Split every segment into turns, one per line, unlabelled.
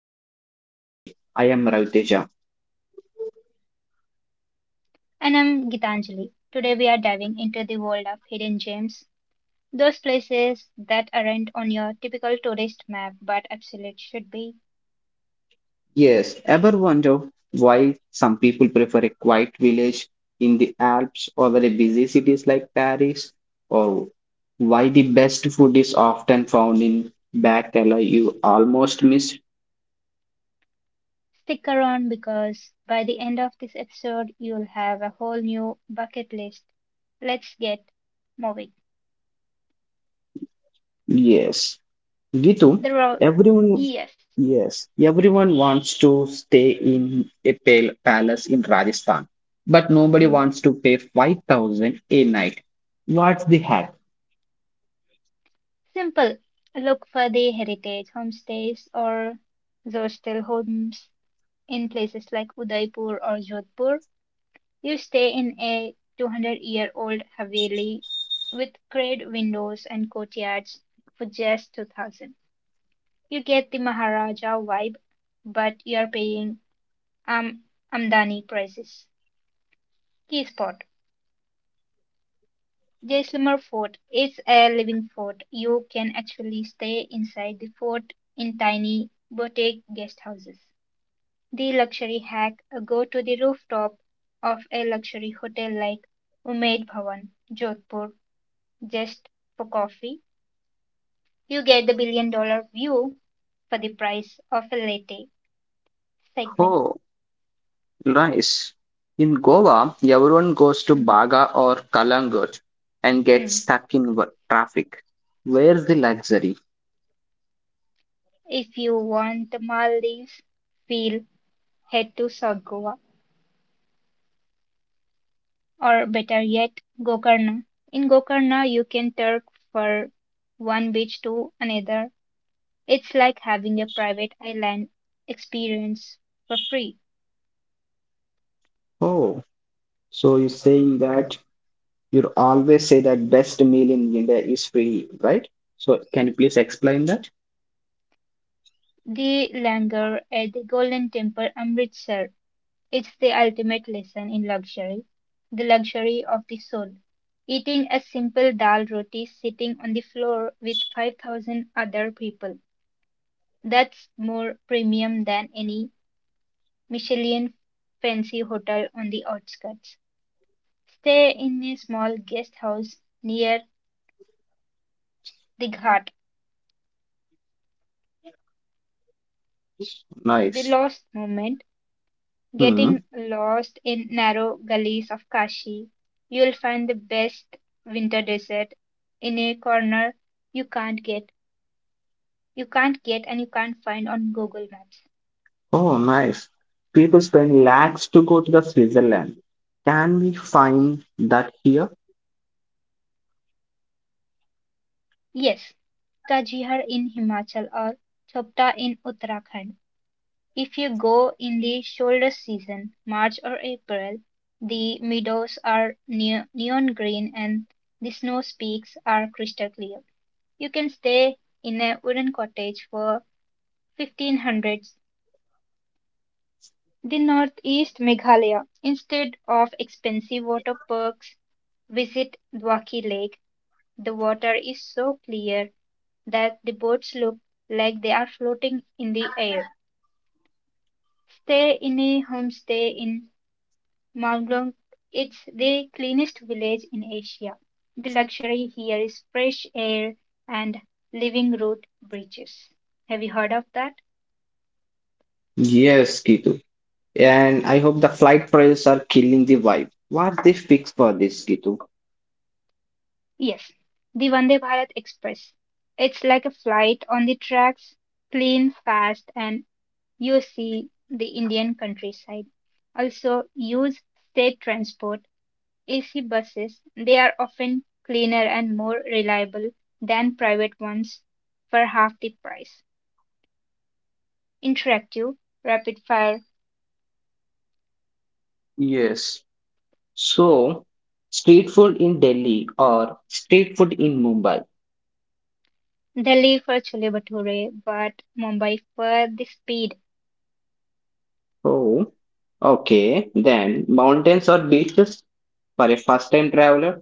to the Great Escape. I am Ravi Teja.
And I'm Gitanjali. Today we are diving into the world of hidden gems, those places that aren't on your typical tourist map but absolutely should be.
Yes, ever wonder why some people prefer a quiet village in the Alps over a busy cities like Paris? Or why the best food is often found in back alley you almost miss?
Stick around because by the end of this episode you'll have a whole new bucket list. Let's get moving.
Yes. Gitu,
The road,
everyone
yes,
yes, everyone wants to stay in a palace in Rajasthan, but
hmm.
nobody wants to pay 5,000 a night. What's the hack?
Simple. Look for the heritage homestays or those still homes in places like Udaipur or Jodhpur. You stay in a 200-year-old-year-old Haveli with grade windows and courtyards for just 2,000. You get the Maharaja vibe, but you're paying um Amdani prices. Key spot. Jaisalmer Fort is a living fort. You can actually stay inside the fort in tiny boutique guest houses. The luxury hack, go to the rooftop of a luxury hotel like Umaid Bhawan, Jodhpur, just for coffee. You get the billion dollar view for the price of a latte segment.
Oh, nice. In Goa, everyone goes to Baga or Kalangut and gets
Mhm.
stuck in traffic. Where's the luxury?
If you want the Maldives feel, head to South Goa, or better yet, Gokarna. In Gokarna, you can turk for one beach to another. It's like having a private island experience for free.
Oh, so you're saying that you always say that best meal in India is free, right? So can you please explain that?
The langar at the Golden Temple, Amritsar. It's the ultimate lesson in luxury, the luxury of the soul. Eating a simple dal roti sitting on the floor with 5,000 other people. That's more premium than any Michelin fancy hotel on the outskirts. Stay in a small guest house near the ghat. The
Nice.
lost moment,
Hmm.
getting lost in narrow gullies of Kashi, you'll find the best winter dessert in a corner you can't get, you can't get and you can't find on Google Maps.
Oh, nice. People spend lakhs to go to the Switzerland. Can we find that here?
Yes, Kajihar in Himachal or Chopta in Uttarakhand. If you go in the shoulder season, March or April, the meadows are neon green and the snow peaks are crystal clear. You can stay in a wooden cottage for 1500s the northeast Meghalaya. Instead of expensive water parks, visit Dwaki Lake. The water is so clear that the boats look like they are floating in the air. Stay in a homestay in Manglong. It's the cleanest village in Asia. The luxury here is fresh air and living root bridges. Have you heard of that?
Yes, Kitu. And I hope the flight prices are killing the vibe. What they fix for this, Gitu?
Yes, the Vande Bharat Express. It's like a flight on the tracks, clean, fast, and you see the Indian countryside. Also, use state transport, AC buses. They are often cleaner and more reliable than private ones for half the price. Interactive, rapid fire.
Yes. So, street food in Delhi or street food in Mumbai?
Delhi for Chole Bhature, but Mumbai for the speed.
Oh, okay. Then mountains or beaches for a first-time traveler?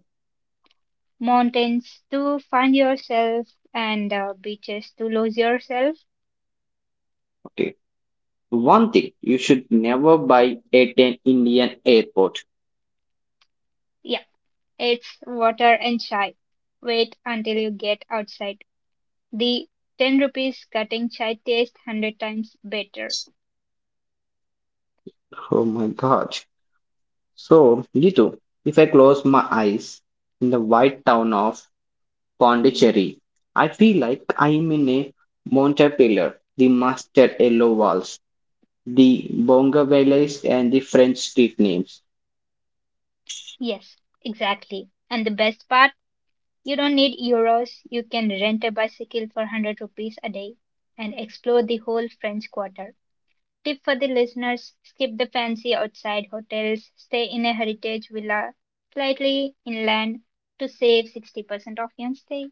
Mountains to find yourself, and beaches to lose yourself.
Okay. One thing you should never buy at an Indian airport.
Yeah, it's water and chai. Wait until you get outside. The 10 rupees cutting chai tastes 100 times better.
Oh my God. So, Gitu, if I close my eyes in the white town of Pondicherry. I feel like I'm in a Montpellier, the Master Yellow walls, the Bonga and the French street names.
Yes, exactly. And the best part, you don't need euros. You can rent a bicycle for 100 rupees a day and explore the whole French Quarter. Tip for the listeners: skip the fancy outside hotels, stay in a heritage villa slightly inland to save 60% of your stay.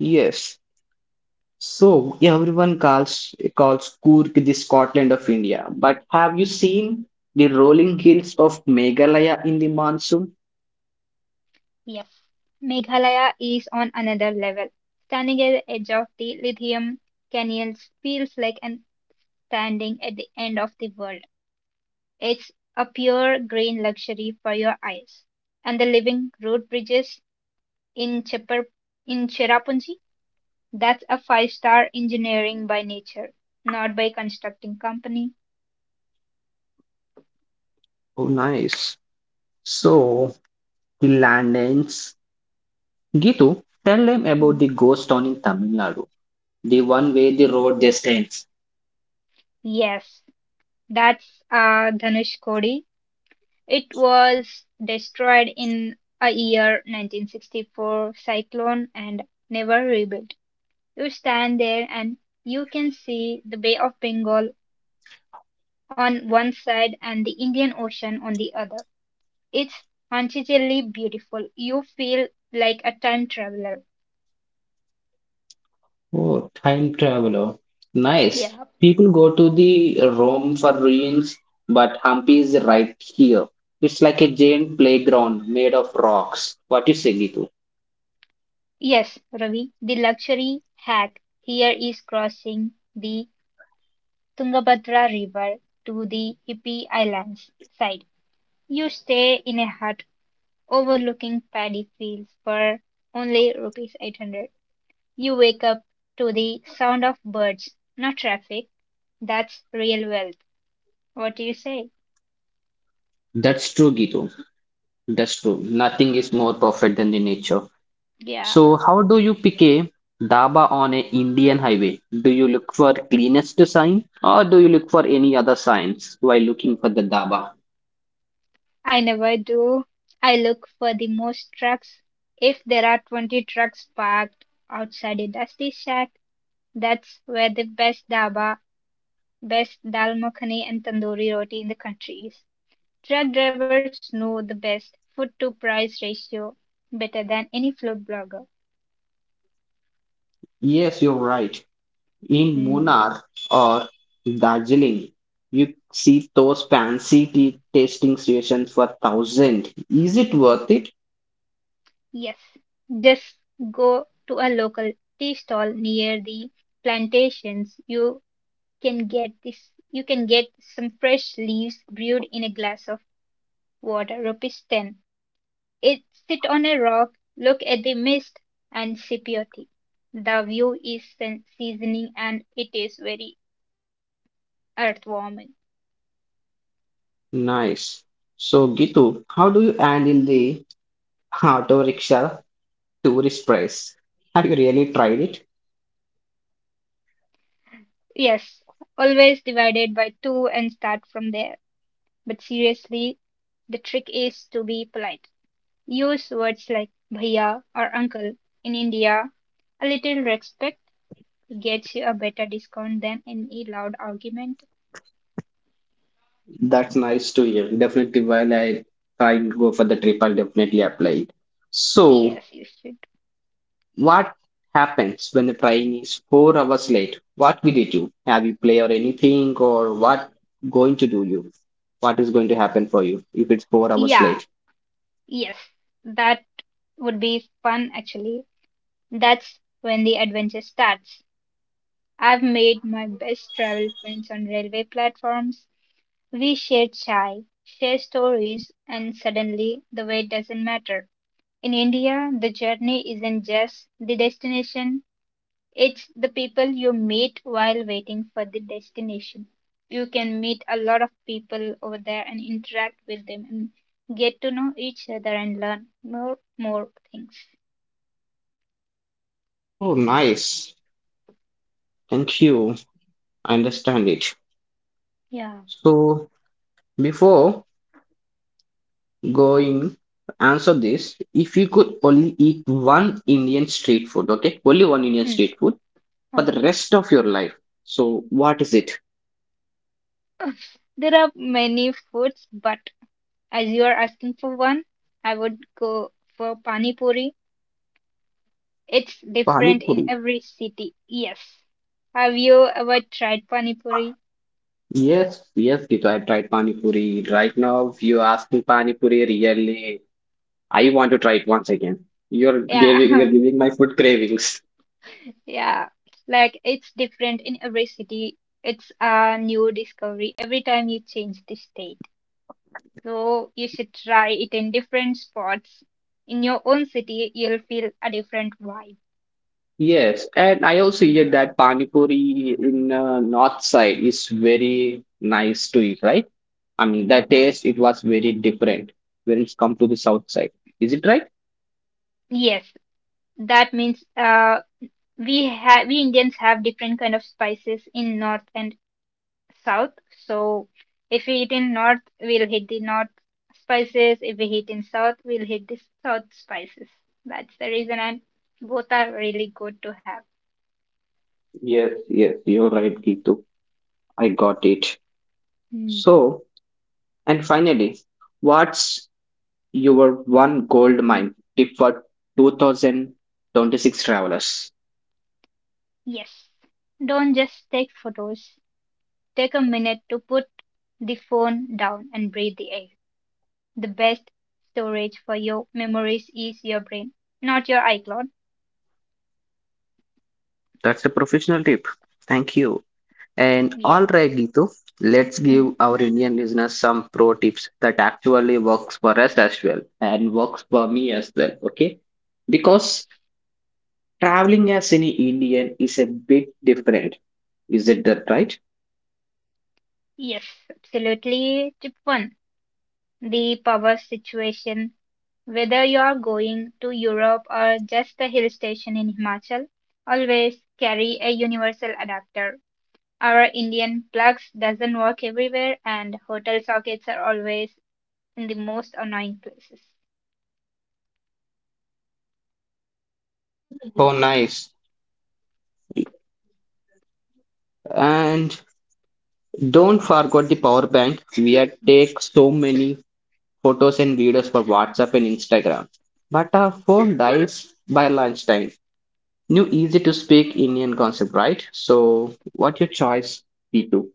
Yes, so everyone calls Cork the Scotland of India. But have you seen the rolling hills of Meghalaya in the monsoon?
Yes, Meghalaya is on another level. Standing at the edge of the lithium canyons feels like an standing at the end of the world. It's a pure green luxury for your eyes. And the living road bridges in Chepper in Cherrapunji. That's a five-star engineering by nature, not by constructing company.
Oh, nice. So the land ends. Gitu, tell them about
Hmm.
the ghost town in Tamil Nadu, the one where the road just ends.
Yes, that's Dhanushkodi. It was destroyed in a year 1964 cyclone and never rebuilt. You stand there and you can see the Bay of Bengal on one side and the Indian Ocean on the other. It's hauntingly beautiful. You feel like a time traveler.
Oh, time traveler. Nice.
Yeah.
People go to the Rome for ruins, but Hampi is right here. It's like a giant playground made of rocks. What you say, Gitu?
Yes, Ravi, the luxury hack here is crossing the Tungabhadra River to the hippie islands side. You stay in a hut overlooking paddy fields for only rupees 800. You wake up to the sound of birds, not traffic. That's real wealth. What do you say?
That's true, Gitu. That's true. Nothing is more perfect than the nature.
Yeah,
So, how do you pick a dhaba on an Indian highway? Do you look for cleanest sign or do you look for any other signs while looking for the dhaba?
I never do. I look for the most trucks. If there are 20 trucks parked outside a dusty shack, that's where the best daba, best dal makhani and tandoori roti in the country is. Truck drivers know the best food to price ratio better than any food blogger.
Yes, you're right. In
Hmm.
Munnar or Darjeeling, you see those fancy tea tasting stations for thousand. Is it worth it?
Yes. Just go to a local tea stall near the plantations. You can get some fresh leaves brewed in a glass of water, rupees 10. It Sit on a rock, look at the mist, and sip your tea. The view is seasoning and it is very earthwarming.
Nice. So, Gitu, how do you handle the auto rickshaw tourist price? Have you really tried it?
Yes, always divided by two and start from there. But seriously, the trick is to be polite. Use words like bhaiya or uncle. In India, a little respect gets you a better discount than any loud argument.
That's nice to hear. Definitely, while I go for the trip, I'll definitely apply it. So,
Yes, you should.
what happens when the train is 4 hours late? What will you do? Have you play or anything or what going to do you? What is going to happen for you if it's 4 hours
Yeah.
late?
Yes, that would be fun actually. That's when the adventure starts. I've made my best travel friends on railway platforms. We share chai, share stories, and suddenly the way doesn't matter. In India, the journey isn't just the destination, it's the people you meet while waiting for the destination. You can meet a lot of people over there and interact with them and get to know each other and learn more things.
Oh, nice. Thank you. I understand it.
Yeah.
So before going answer this, if you could only eat one Indian street food, okay? Only one Indian
Mm,
street food for the
okay.
rest of your life. So what is it?
There are many foods, but as you are asking for one, I would go for pani puri. It's
Pani
different in
Puri.
every city. Yes. Have you ever tried pani puri?
Yes, yes, Gitu, I've tried Pani Puri. Right now, if you ask me Pani Puri, really, I want to try it once again. You're giving, you're
Yeah.
giving my food cravings.
Yeah, like it's different in every city. It's a new discovery every time you change the state. So you should try it in different spots. In your own city, you'll feel a different vibe.
Yes, and I also hear that Pani Puri in north side is very nice to eat, right? I mean, the taste, it was very different when it's come to the south side. Is it right?
Yes, that means we Indians have different kind of spices in north and south. So if we eat in north, we'll hit the north spices. If we hit in south, we'll hit the south spices. That's the reason, and both are really good to have.
Yes, yes, you're right, Gitu. I got it.
Hmm.
So, and finally, what's your one gold mine tip for 2026 travelers.
Yes. Don't just take photos. Take a minute to put the phone down and breathe the air. The best storage for your memories is your brain, not your iCloud.
That's a professional tip. Thank you. And all right,
Yes.
Gitu, let's give
Hmm.
our Indian listeners some pro tips that actually works for us as well and works for me as well. Okay, because traveling as any Indian is a bit different. Is it that right?
Yes, absolutely. Tip one: the power situation. Whether you are going to Europe or just a hill station in Himachal, always carry a universal adapter. Our Indian plugs doesn't work everywhere and hotel sockets are always in the most annoying places.
Oh, nice. And don't forget the power bank. We are take so many photos and videos for WhatsApp and Instagram. But our phone dies by lunchtime. New easy to speak Indian concept, right? So, what your choice, B2?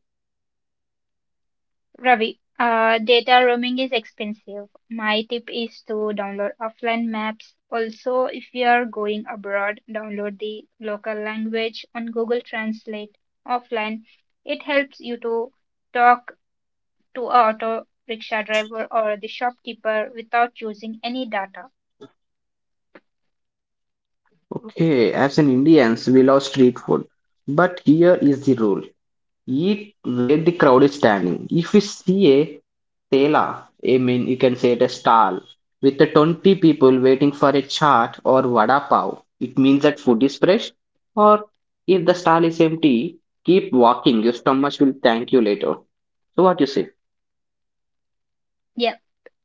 Ravi, data roaming is expensive. My tip is to download offline maps. Also, if you are going abroad, download the local language on Google Translate offline. It helps you to talk to a auto rickshaw driver or the shopkeeper without using any data.
Okay, as an Indians, we love street food. But here is the rule. Eat where the crowd is standing. If you see a tela, I mean, you can say it a stall with the 20 people waiting for a chaat or vada pav, it means that food is fresh. Or if the stall is empty, keep walking. Your stomach will thank you later. So what you say?
Yeah,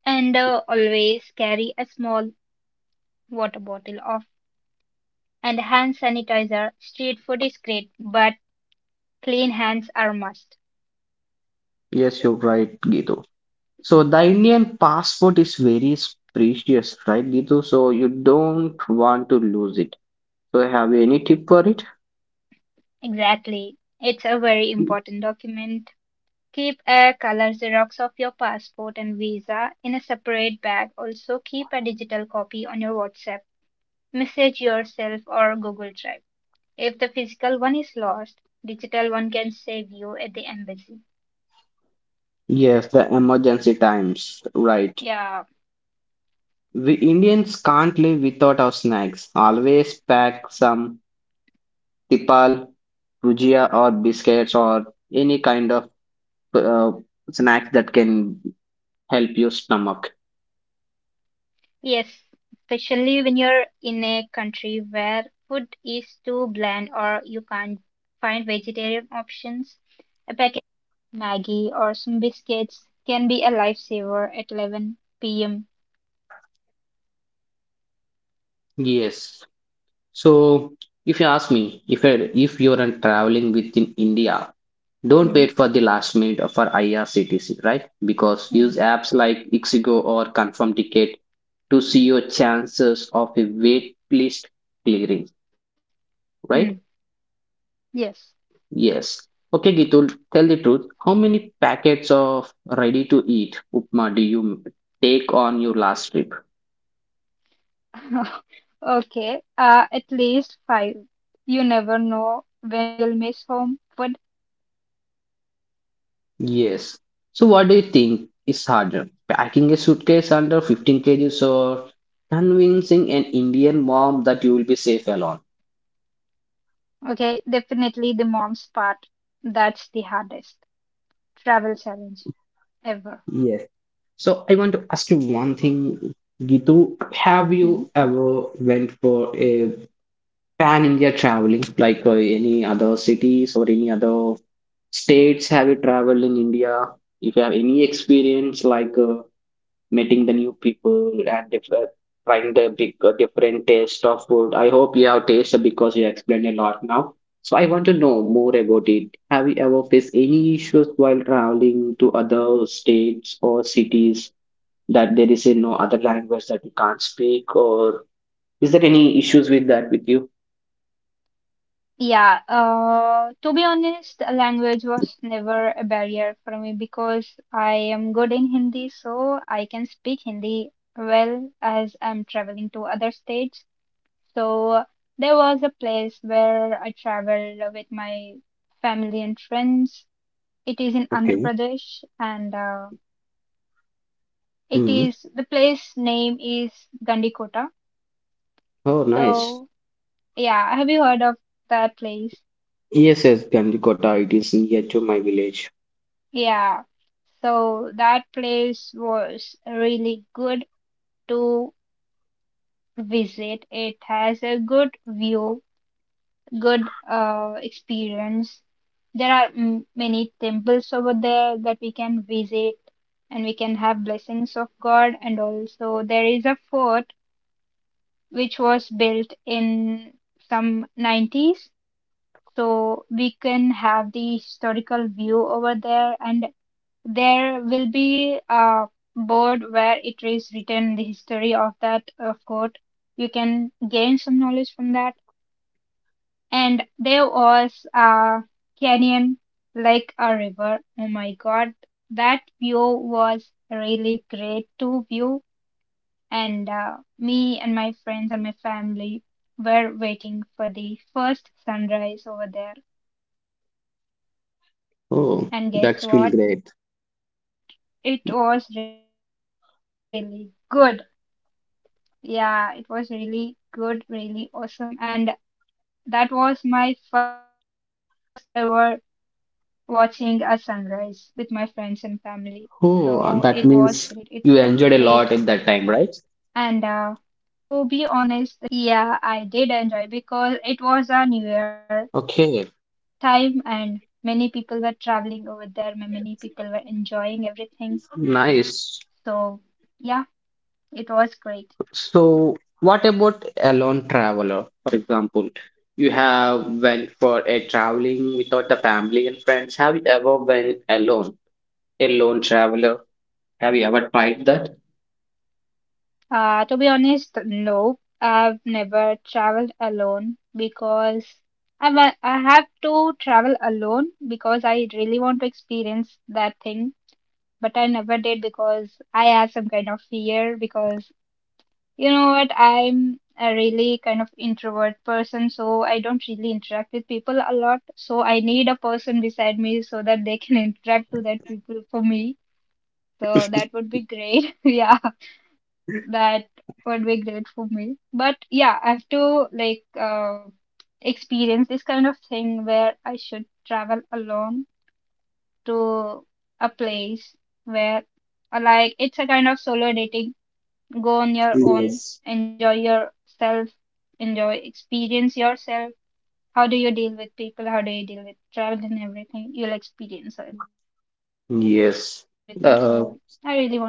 and always carry a small water bottle off, and hand sanitizer. Street food is great, but clean hands are must.
Yes, you're right, Gitu. So the Indian passport is very precious, right, Gitu? So you don't want to lose it. So have you any tip for it?
Exactly. It's a very important document. Keep a color Xerox of your passport and visa in a separate bag. Also, keep a digital copy on your WhatsApp, message yourself, or Google Drive. If the physical one is lost, digital one can save you at the embassy.
Yes, the emergency times, right.
Yeah.
We Indians can't live without our snacks. Always pack some tipal, gujia or biscuits or any kind of uh, snack that can help your stomach.
Yes, especially when you're in a country where food is too bland or you can't find vegetarian options. A packet of Maggie or some biscuits can be a lifesaver at 11 p.m.
Yes. So, if you ask me, if you're on traveling within India, don't
Mm,
wait for the last minute for IRCTC, right? Because use
mm,
apps like Ixigo or Confirm Ticket to see your chances of a wait list clearing,
mm.
right?
Yes.
Yes. Okay, Gitul, tell the truth. How many packets of ready to eat upma do you take on your last trip?
Okay, at least five. You never know when you'll miss home food.
Yes. So what do you think is harder? Packing a suitcase under 15 kgs or convincing an Indian mom that you will be safe alone?
Okay, definitely the mom's part. That's the hardest travel challenge ever.
Yes. So I want to ask you one thing, Gitu. Have
Hmm?
you ever went for a pan-India traveling, like any other cities or any other states? Have you traveled in India? If you have any experience like meeting the new people and if trying the big, different taste of food. I hope you have tasted because you explained a lot now. So I want to know more about it. Have you ever faced any issues while traveling to other states or cities that there is a no other language that you can't speak or is there any issues with that with you?
Yeah, to be honest, language was never a barrier for me because I am good in Hindi, so I can speak Hindi well as I'm traveling to other states. So there was a place where I traveled with my family and friends. It is in Andhra
Okay.
Pradesh, and it
Hmm.
is the place name is Gandikota.
Oh, nice.
So yeah, have you heard of that place?
Yes, yes, Gandikota. It is near to my village.
Yeah. So that place was really good to visit. It has a good view, good experience. There are many temples over there that we can visit and we can have blessings of God. And also, there is a fort which was built in some 90s. So we can have the historical view over there, and there will be a board where it is written the history of that fort. You can gain some knowledge from that. And there was a canyon like a river. Oh my God, that view was really great to view. And me and my friends and my family were waiting for the first sunrise over there. And guess what?
Oh, that's feel
It
great.
was really good. Yeah, it was really good, really awesome. And that was my first ever watching a sunrise with my friends and family. So it was great. It felt
Oh, that
great.
means you enjoyed a
And
lot in that time, right?
to be honest, the traveling part was, yeah, I did enjoy because it
Okay,
was a new year time and many people were traveling over there. Many people were enjoying everything.
nice.
So yeah, it was great.
So, what about a lone traveler? For example, you have went for a traveling without the family and friends. Have you ever went alone, a lone traveler? Have you ever tried that?
To be honest, no. I've never traveled alone because I have to travel alone because I really want to experience that thing, but I never did because I had some kind of fear because you know what, I'm a really kind of introvert person, so I don't really interact with people a lot. So I need a person beside me so that they can interact to that people for me. So that would be great. Yeah. That would be great for me. But yeah, I have to like experience this kind of thing where I should travel alone to a place where like it's a kind of solo dating. Go on your own,
Yes.
enjoy yourself, enjoy experience yourself. How do you deal with people? How do you deal with travel and everything? You'll experience everything. So I really want
Yes.
to experience
Uh,
that.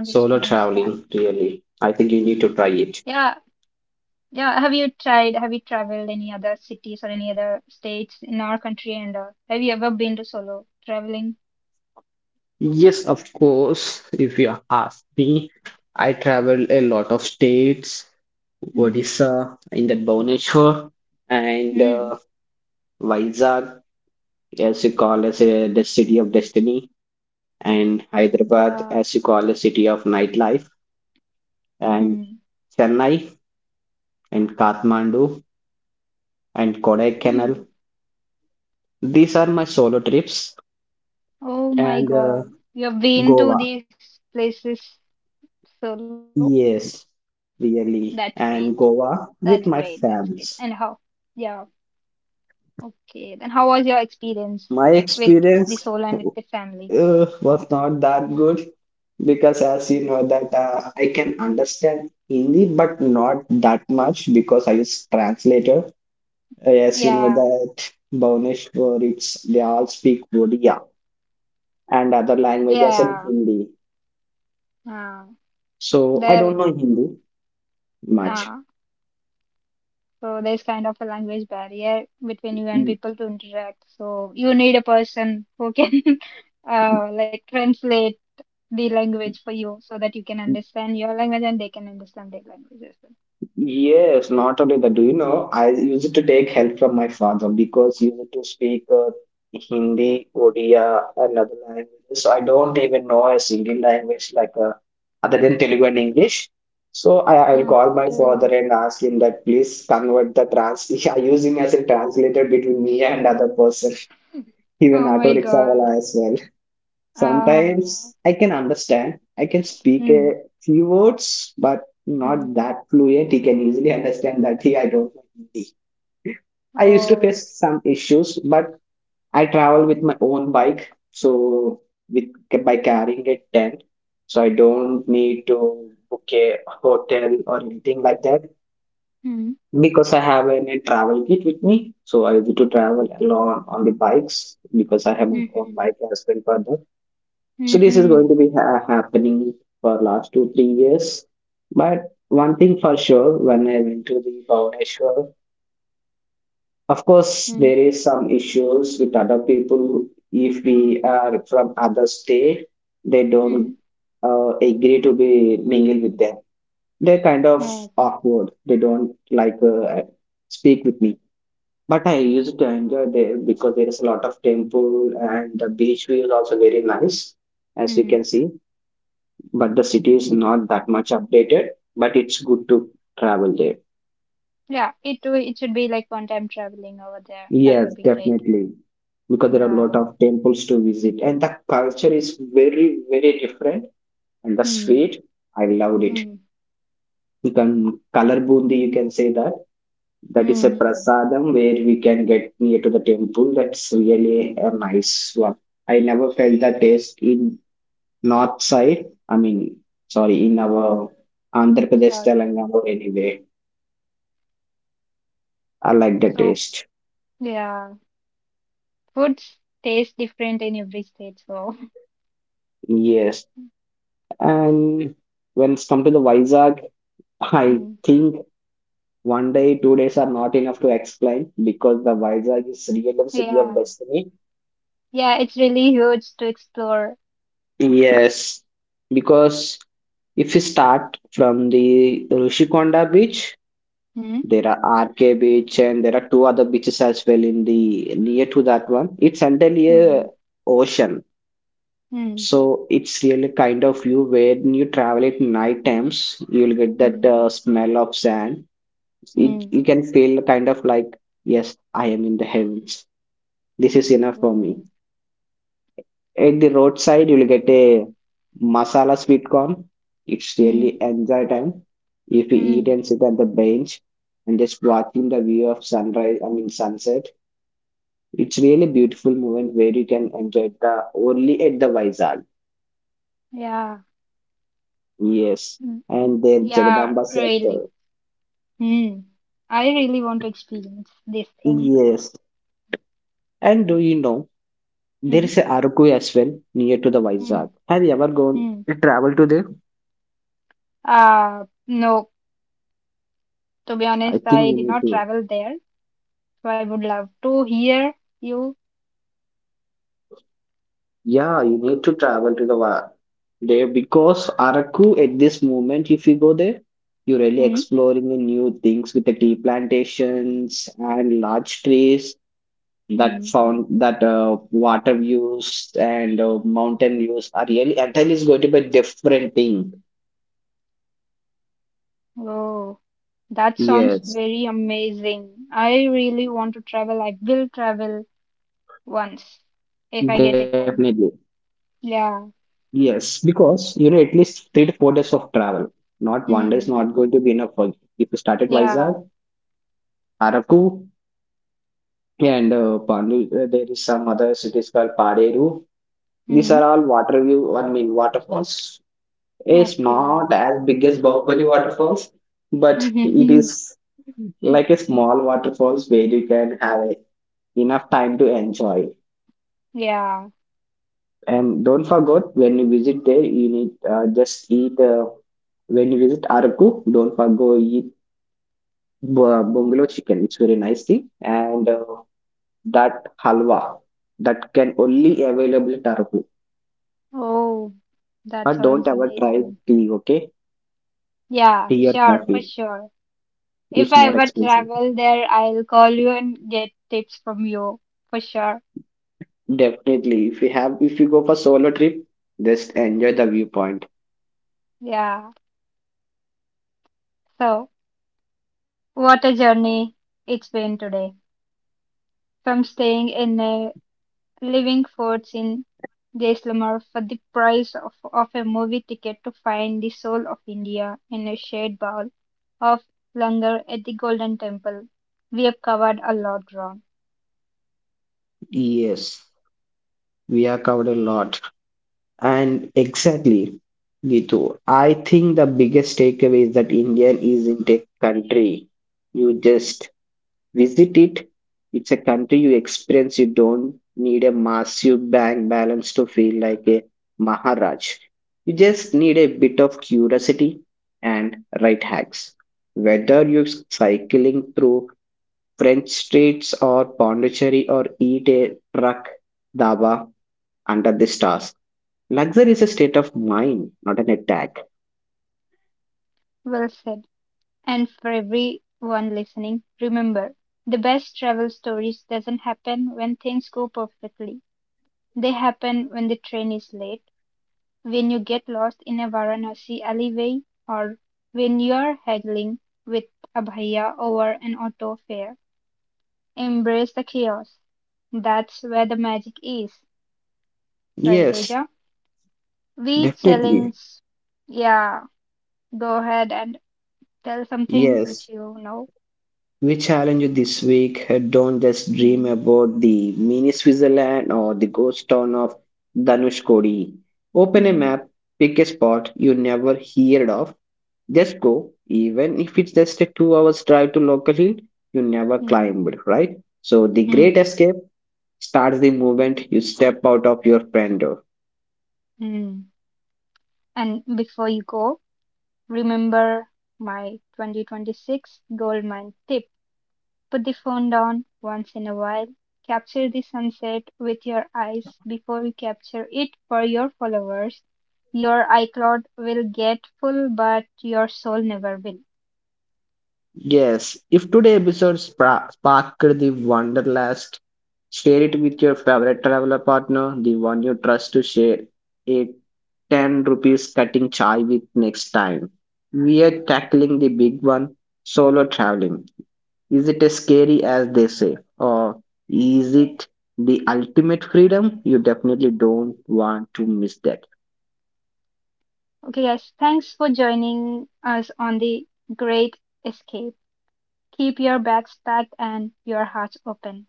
Solo traveling, really. I think you need to try
Yeah.
it.
Yeah, have you traveled any other cities or any other states in our country and have you ever been to solo traveling?
Yes, of course. If you ask me, I travel a lot of states
Mm-hmm.
Odisha in that Bhubaneswar and
Mm.
Vizag as you call as the city of destiny and
Yeah.
Hyderabad as you call a city of nightlife
Mm.
and Chennai and Kathmandu and Kodaikanal.
Mm.
These are my solo trips
Oh my
and
God. You have been to
Goa.
these places solo. That's
Yes,
great.
really.
That's great.
And
That's great.
Goa
And how?
with my
Yeah.
fans.
Okay. Then how was your experience with the
My
solo and with the
experience
family?
was not that good because as you know that I can understand Hindi but not that much because I use translator. As you
Yeah.
know that Bhubaneswar, it's they all speak Odia and other languages
Yeah.
and Hindi.
Uh,
So I don't
there.
know Hindi much.
So there's kind of a language barrier between you and people to interact. So you need a person who can like translate the language for you so that you can understand your language and they can understand their language as
Yes, not only that, do you know, I used to take help from my father because he used to speak Hindi, Odia, and other languages. So I don't even know a single language like other than Telugu and English. So I'll
well.
call my father
Okay.
and ask him that please convert the trans. Yeah, use him as a translator between me and other person, even
Oh
auto
my
rickshaw
God.
wala as well.
Uh,
Sometimes I can understand. I can speak
hmm,
a few words, but
hmm.
not that fluent. He can easily understand that. He, I don't know Hindi. I used to
Oh.
face some issues, but I travel with my own bike, so with by carrying a tent, so I don't need to book a hotel or anything like that
Hmm.
because I have a travel kit with me. So I used to travel
Okay.
alone on the bikes because I have my own
Mm-hmm.
bike as well for that. So this is going to
Mm-hmm.
be happening for last 2 3 years. But one thing for sure, when I went to the Bhubaneswar, of course there is some issues with other people. If we are from other state, they don't
Mm-hmm.
agree to be mingle with them. They're kind of
Oh.
awkward. They don't like speak with me. But I used to enjoy there because there is a lot of temple and the beach view is also very nice, as you
Hmm.
can see, but the city is not that much updated, but it's good to travel there.
Yeah, it should be like one time traveling over there. That
Yes,
would be great.
definitely, because there are a lot
Yeah.
of temples to visit and the culture is very very different and the
Hmm.
sweet, I loved it.
Hmm.
You can color bundi, you can say that, that is
Hmm.
a
Hmm.
prasadam where we can get near to the temple. That's really a nice one. I never felt that taste in north side. I mean, sorry, in our Andhra Pradesh,
So,
Telangana or anywhere. I like the
so,
taste.
yeah, foods taste different in every state. So,
Yes. And when it's come to the Vizag, I
hmm.
think 1 day, 2 days are not enough to explain because the Vizag is really the city of
Yeah,
destiny.
yeah, it's really huge to explore.
Yes. Because if you start from the Rishikonda beach,
Hmm.
there are RK beach and there are two other beaches as well in the near to that one. It's entirely
Hmm.
a ocean.
Hmm.
So it's really kind of view where when you travel at night times, you'll get
Hmm.
that smell of sand. It,
Hmm.
you can feel kind of like, yes, I am in the heavens. This is enough for me.
Oh.
At the roadside, you'll get a masala sweet corn. It's
Hmm.
really enjoy time. If you eat
Hmm.
and sit at the bench and just watching the view of sunrise, I mean sunset, it's really beautiful moment where you can enjoy the only at the Vizag.
Yeah.
Yes.
Hmm.
And then
Yeah.
Jagadamba
Really.
Center.
Hmm. I really want to experience this thing.
Yes. And do you know there
Hmm.
is a Araku as well near to the
Hmm.
Vizag. Have you ever gone
Hmm.
to travel to there?
No. To be
I
honest,
think you
I did
need
not
to.
travel there. So I would love to hear you.
Yeah, you need to travel to the there because Araku at this moment, if you go there, you're really
Hmm.
exploring the new things with the tea plantations and large trees that
Hmm.
found that water views and mountain views are really entirely is going to be a different thing.
Oh, that sounds
Yes,
very amazing. I really want to travel. I will travel once if I get a
definitely.
time. Yeah.
Yes, because you need at least 3 to 4 days of travel. Not one day is
Hmm.
not going to be enough for you. If you start at Vizag,
Yeah.
Araku, and Pandu, there is some other cities called Paderu. These
Hmm.
are all water view. I mean waterfalls. It's
Okay.
not as big as Bahubali waterfalls, but it is like a small waterfalls where you can have a, enough time to enjoy.
Yeah.
And don't forget when you visit there, you need just eat. When you visit Araku, don't forget eat bungalow chicken. It's very nice thing, and that halwa that can only available at Araku.
Oh, that
But don't
sounds
ever try
amazing.
tea. Okay,
Yeah,
tea or
sure, for
coffee
sure.
is
If I
more
ever
expensive.
travel there, I'll call you and get tips from you for sure.
Definitely, if you have, if you go for solo trip, just enjoy the viewpoint.
Yeah. So. What a journey it's been today. From staying in a living forts in Jaisalmer for the price of a movie ticket to find the soul of India in a shared bowl of langar at the Golden Temple. We have covered a lot ground.
Yes, we have covered a lot. And exactly, Gitu. I think the biggest takeaway is that India isn't a country. You just visit it. It's a country you experience. You don't need a massive bank balance to feel like a Maharaj. You just need a bit of curiosity and right hacks. Whether you're cycling through French streets or Pondicherry or eat a truck dawa under the stars, luxury is a state of mind, not an attack.
Well said. And for everyone listening, remember, the best travel stories doesn't happen when things go perfectly. They happen when the train is late. When you get lost in a Varanasi alleyway or when you're haggling with a bhaiya over an auto fare, embrace the chaos. That's where the magic is, right,
Yes,
Teja. We
definitely.
challenge, yeah, go ahead and tell something which
Yes.
you know.
We challenge you this week. Don't just dream
Hmm,
about the mini Switzerland or the ghost town of Dhanushkodi. Open a
hmm,
map, pick a spot you never heard of. Just go, even if it's just a 2 hours drive to local hill you never
hmm,
climbed, right? So the
hmm,
great escape starts the moment you step out of your friend.
hmm. And before you go, remember my 2026 goldmine tip. Put the phone down once in a while. Capture the sunset with your eyes before you capture it for your followers. Your iCloud will get full, but your soul never will.
Yes, if today's episode sparked the wanderlust, share it with your favorite traveler partner, the one you trust to share a 10 rupees cutting chai with next time. We are tackling the big one, solo traveling. Is it as scary as they say, or is it the ultimate freedom? You definitely don't want to miss that.
Okay, guys, thanks for joining us on the great escape. Keep your bags packed and your hearts open.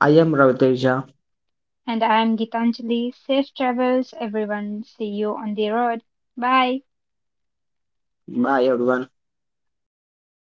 I am Raviteja.
And I'm Gitanjali. Safe travels, everyone. See you on the road. Bye.
Bye everyone.